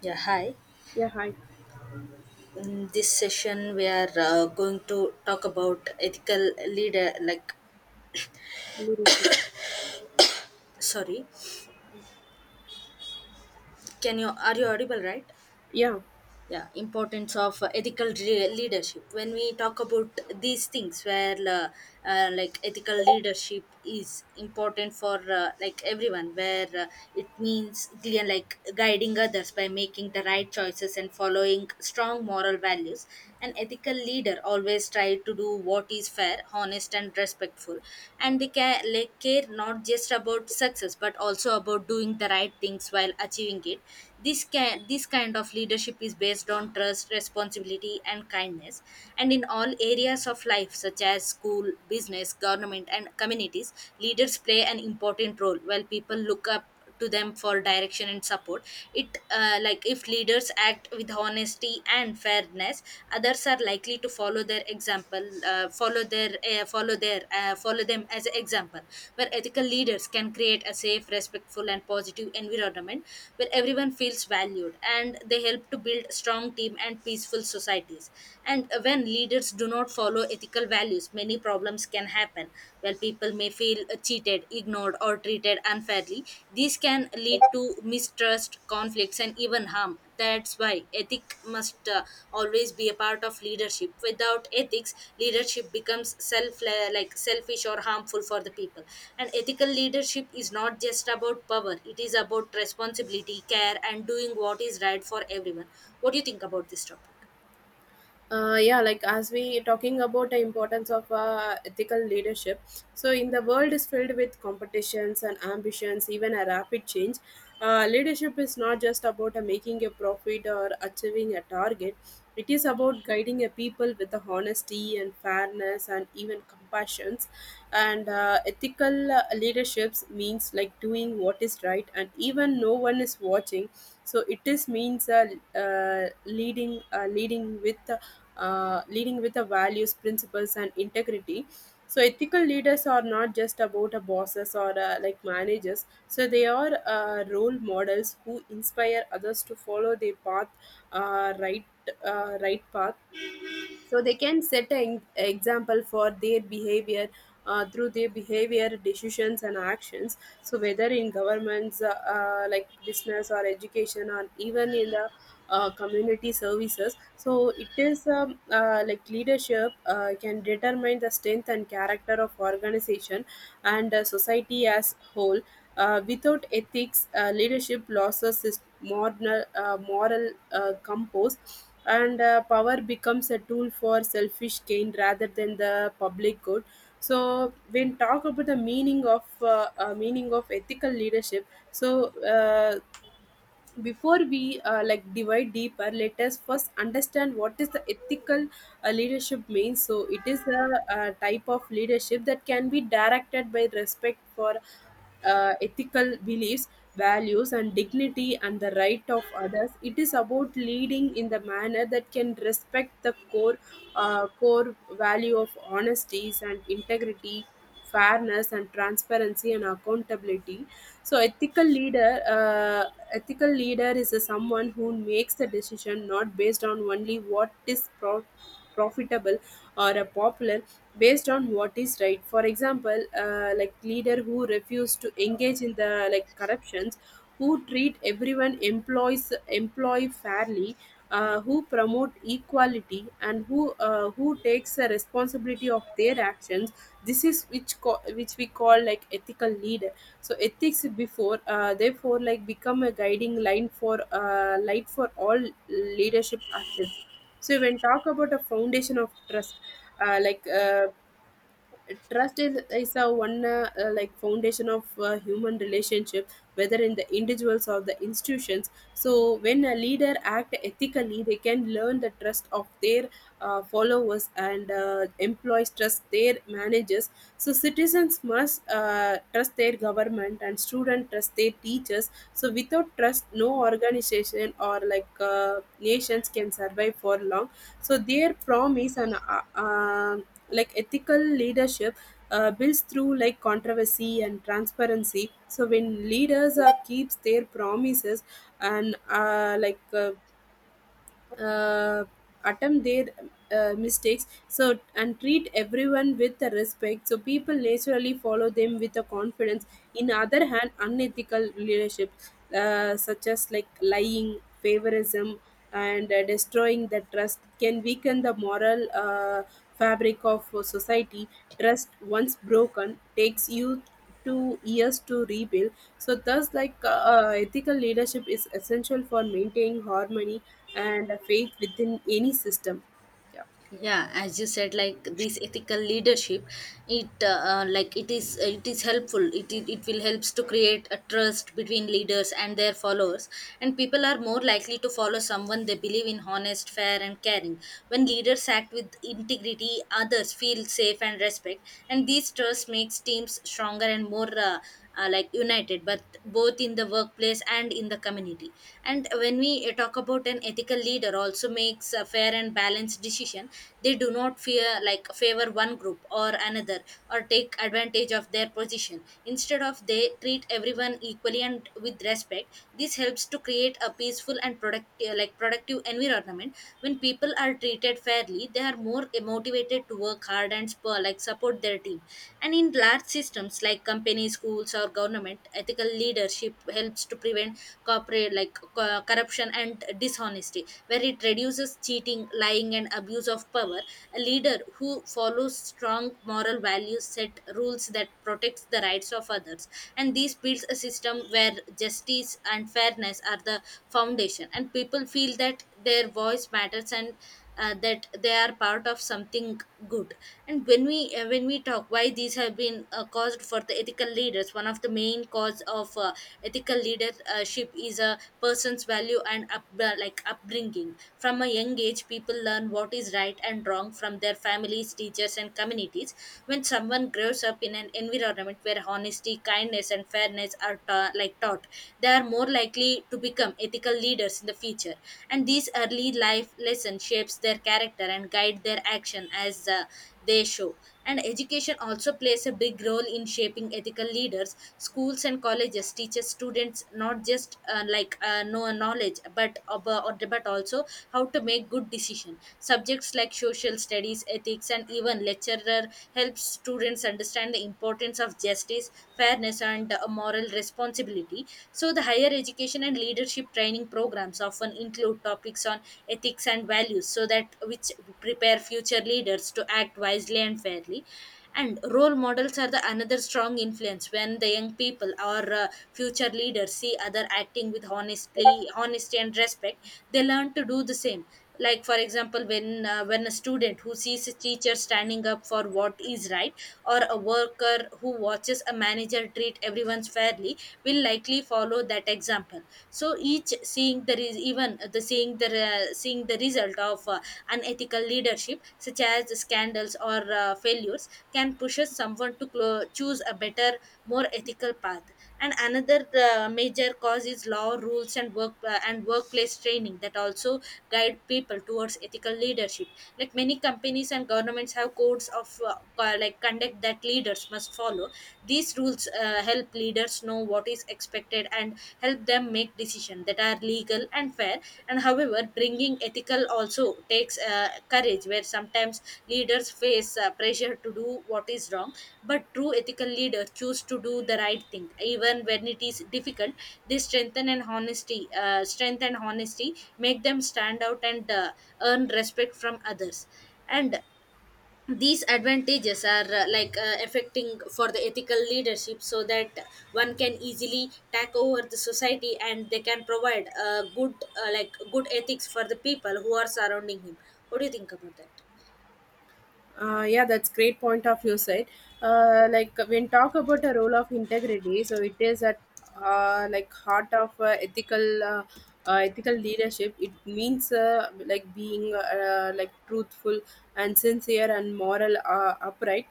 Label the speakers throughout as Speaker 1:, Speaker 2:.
Speaker 1: Yeah, hi.
Speaker 2: Yeah, hi.
Speaker 1: In this session, we are going to talk about ethical leader.
Speaker 2: Good issue.
Speaker 1: Sorry, can you are you audible? Right?
Speaker 2: Yeah.
Speaker 1: Yeah. Importance of leadership. When we talk about these things, where like ethical leadership is important for like everyone, where it means guiding others by making the right choices and following strong moral values. An ethical leader always tries to do what is fair, honest, and respectful. And they care, like, care not just about success but also about doing the right things while achieving it. This kind of leadership is based on trust, responsibility, and kindness. And in all areas of life, such as school, business, government, and communities, leaders play an important role while people look up to them for direction and support. It like if leaders act with honesty and fairness, others are likely to follow their example follow their follow their follow them as example, where ethical leaders can create a safe, respectful, and positive environment, where everyone feels valued and they help to build strong team and peaceful societies. And when leaders do not follow ethical values, many problems can happen, where people may feel cheated, ignored, or treated unfairly. These can lead to mistrust, conflicts, and even harm. That's why ethic must always be a part of leadership. Without ethics, leadership becomes selfish or harmful for the people. And ethical leadership is not just about power; it is about responsibility, care, and doing what is right for everyone. What do you think about this topic?
Speaker 2: Yeah, like as we talking about the importance of ethical leadership. So, in the world is filled with competitions and ambitions, even a rapid change. Leadership is not just about making a profit or achieving a target. It is about guiding a people with the honesty and fairness and even compassions. And ethical leaderships means like doing what is right and even no one is watching. So it is means uh, leading uh, leading with leading with the values principles and integrity. So ethical leaders are not just about bosses or like managers, so they are role models who inspire others to follow their path, uh, right right path. So they can set an example for their behavior, through their behavior decisions and actions. So whether in governments, like business or education or even in the community services, so it is like leadership can determine the strength and character of organization and society as whole. Without ethics, leadership loses its moral compose, and power becomes a tool for selfish gain rather than the public good. So when talk about the meaning of ethical leadership, so before we like divide deeper, let us first understand what is the ethical leadership means. So it is a, type of leadership that can be directed by respect for ethical beliefs, values and dignity and the right of others. It is about leading in the manner that can respect the core core value of honesty and integrity, fairness and transparency and accountability. So ethical leader is a someone who makes the decision not based on only what is profitable or a popular, based on what is right. For example, like leader who refuse to engage in the like corruption, who treat everyone employees employ fairly, who promote equality, and who takes the responsibility of their actions. This is which we call like ethical leader. So ethics before therefore like become a guiding line for light for all leadership actions. So when talk about a foundation of trust, uh, like. Uh, trust is a one like foundation of human relationship, whether in the individuals or the institutions. So when a leader act ethically, they can learn the trust of their followers, and employees trust their managers, so citizens must trust their government and student trust their teachers. So without trust, no organization or like nations can survive for long. So their promise and like ethical leadership builds through like controversy and transparency. So when leaders keeps their promises and uh, attempt their mistakes, so and treat everyone with the respect, so people naturally follow them with the confidence. In other hand, unethical leadership, such as like lying favorism and destroying the trust, can weaken the moral fabric of society. Trust once broken takes youth 2 years to rebuild. So thus like ethical leadership is essential for maintaining harmony and faith within any system. Yeah.
Speaker 1: Yeah, as you said, like this ethical leadership, it is helpful. It will helps to create a trust between leaders and their followers, and people are more likely to follow someone they believe in, honest, fair, and caring. When leaders act with integrity, others feel safe and respect, and this trust makes teams stronger and more united, but both in the workplace and in the community. And when we talk about, an ethical leader also makes a fair and balanced decision. They do not fear like favor one group or another, or take advantage of their position. Instead of, they treat everyone equally and with respect. This helps to create a peaceful and productive environment. When people are treated fairly, they are more motivated to work hard and spur, like support their team. And in large systems like company, schools, or government, ethical leadership helps to prevent corruption and dishonesty, where it reduces cheating, lying, and abuse of power. A leader who follows strong moral values set rules that protects the rights of others, and this builds a system where justice and fairness are the foundation, and people feel that their voice matters and that they are part of something good. And when we talk why these have been caused for the ethical leaders, one of the main cause of ethical leadership is a person's value and up, like upbringing. From a young age, people learn what is right and wrong from their families, teachers, and communities. When someone grows up in an environment where honesty, kindness, and fairness are taught, they are more likely to become ethical leaders in the future. And these early life lesson shapes their character and guide their action as they show. And education also plays a big role in shaping ethical leaders. Schools and colleges teach students not just knowledge, but about job or debate also how to make good decision. Subjects like social studies, ethics, and even lecturer helps students understand the importance of justice, fairness, and moral responsibility. So the higher education and leadership training programs often include topics on ethics and values, so that which prepare future leaders to act wisely and fairly. And role models are the another strong influence. When the young people or future leaders see other acting with honestly honesty and respect, they learn to do the same. Like for example, when a student who sees a teacher standing up for what is right, or a worker who watches a manager treat everyone fairly, will likely follow that example. So each seeing the re- even the seeing the seeing the result of unethical leadership, such as scandals or failures, can pushes someone to choose a better, more ethical path. And another major cause is law, rules, and workplace training that also guide people towards ethical leadership. Like many companies and governments have codes of conduct that leaders must follow. These rules help leaders know what is expected and help them make decisions that are legal and fair. And however, bringing ethical also takes courage, where sometimes leaders face pressure to do what is wrong, but true ethical leader choose to do the right thing even when it is difficult. They strength and honesty make them stand out and earn respect from others. And these advantages are affecting for the ethical leadership, so that one can easily take over the society, and they can provide good ethics for the people who are surrounding him. What do you think about that?
Speaker 2: Yeah, that's great point of view side. Like when talk about the role of integrity, so it is at like heart of ethical leadership. It means like being like truthful and sincere and moral upright.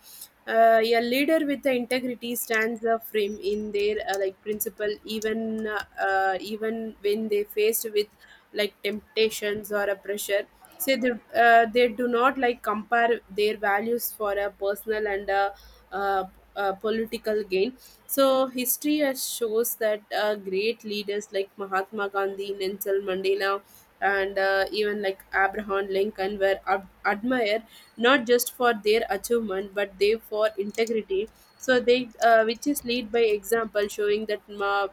Speaker 2: A leader with the integrity stands firm in their like principle, even when they faced with like temptations or a pressure. Say they do not like compare their values for a personal and a, uh, political gain. So history has shows that great leaders like Mahatma Gandhi, Nelson Mandela and even like Abraham Lincoln were admired not just for their achievement but they for integrity. So they which is lead by example, showing that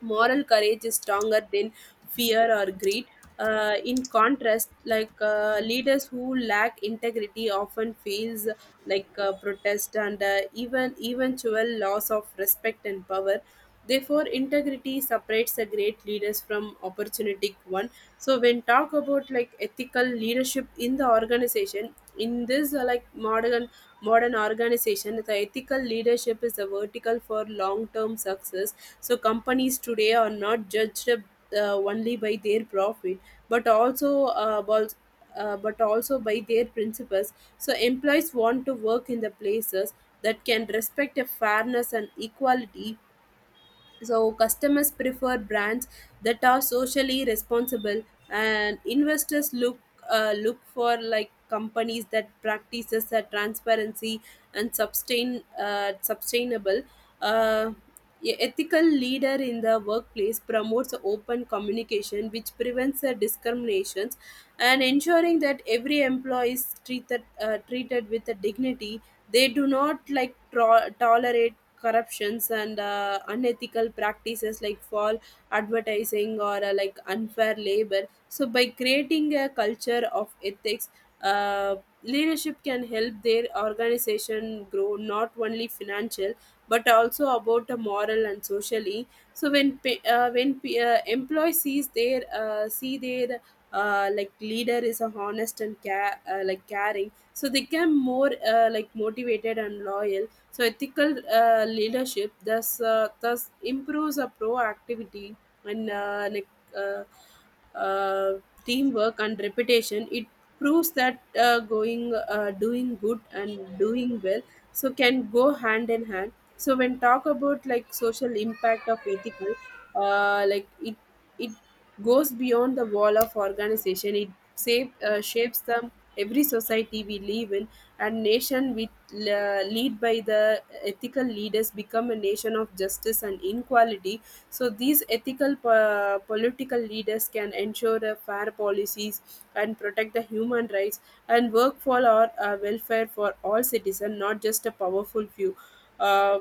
Speaker 2: moral courage is stronger than fear or greed. In contrast, like leaders who lack integrity often face like protest and even eventual loss of respect and power. Therefore, integrity separates the great leaders from opportunistic one. So, when talk about like ethical leadership in the organization in this like modern organization, the ethical leadership is a vertical for long term success. So companies today are not judged only by their profit, but but also by their principles. So employees want to work in the places that can respect a fairness and equality. So customers prefer brands that are socially responsible, and investors look for like companies that practices transparency and sustainable. Uh, a ethical leader in the workplace promotes open communication, which prevents discriminations, and ensuring that every employee is treated with a dignity. They do not like tolerate corruptions and unethical practices like fall advertising or like unfair labor. So by creating a culture of ethics, uh, leadership can help their organization grow not only financial, but also about the moral and socially. So when employees see their like leader is a honest and care like caring, so they become more like motivated and loyal. So ethical leadership thus improves a proactivity and uh, uh, teamwork and reputation. It proves that going doing good and doing well so can go hand in hand. So when talk about like social impact of ethical, uh, like it it it goes beyond the wall of organization. It shapes the every society we live in and nation we lead by. The ethical leaders become a nation of justice and inequality. So these ethical political leaders can ensure the fair policies and protect the human rights and work for our welfare for all citizens, not just a powerful few. uh,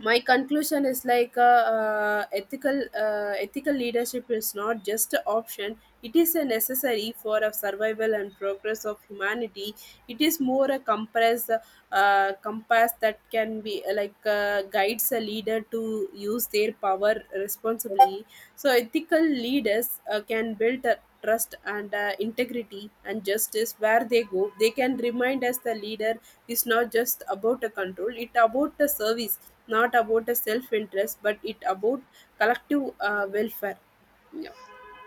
Speaker 2: my conclusion is like ethical leadership is not just an option, it is a necessary for a survival and progress of humanity. It is more a compass, compass that can be like guides a leader to use their power responsibly. So ethical leaders can build a trust and integrity and justice where they go. They can remind us the leader is not just about a control; it about the service, not about a self-interest, but it about collective welfare. Yeah.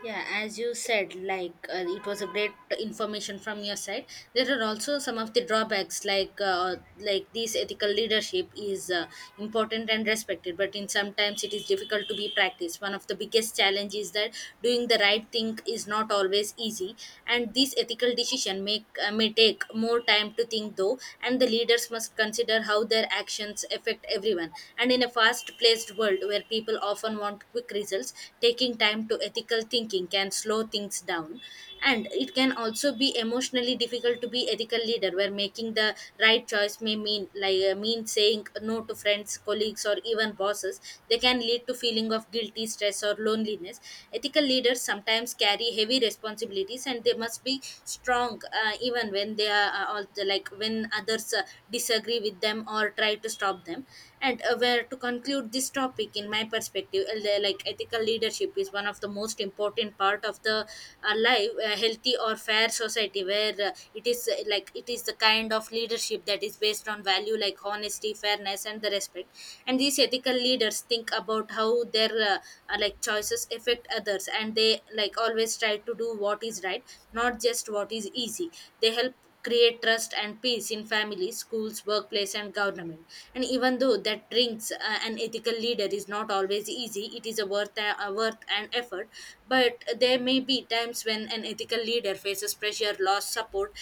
Speaker 1: Yeah, as you said, it was a great information from your side. There are also some of the drawbacks, this ethical leadership is important and respected, but in sometimes it is difficult to be practiced. One of the biggest challenges is that doing the right thing is not always easy, and this ethical decision make may take more time to think though, and the leaders must consider how their actions affect everyone. And in a fast-paced world where people often want quick results, taking time to ethical thinking can slow things down. And it can also be emotionally difficult to be ethical leader, where making the right choice may mean mean saying no to friends, colleagues, or even bosses. They can lead to feeling of guilty, stress, or loneliness. Ethical leaders sometimes carry heavy responsibilities, and they must be strong, even when they are all like when others disagree with them or try to stop them system, and where to conclude this topic in my perspective, ethical leadership is one of the most important part of the life healthy or fair society, where it is the kind of leadership that is based on value like honesty, fairness, and the respect. And these ethical leaders think about how their choices affect others, and they like always try to do what is right, not just what is easy. They help create trust and peace in families, schools, workplace, and government. And even though that brings an ethical leader is not always easy, it is a worth and effort. But there may be times when an ethical leader faces pressure, loss support,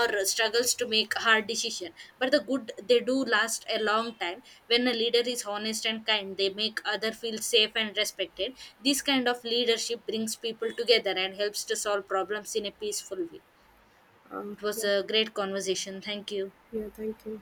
Speaker 1: or struggles to make hard decision. But the good they do last a long time. When a leader is honest and kind, they make other feel safe and respected. This kind of leadership brings people together and helps to solve problems in a peaceful way. It was
Speaker 2: Yeah.
Speaker 1: a great conversation. Thank you.
Speaker 2: Yeah. Thank you.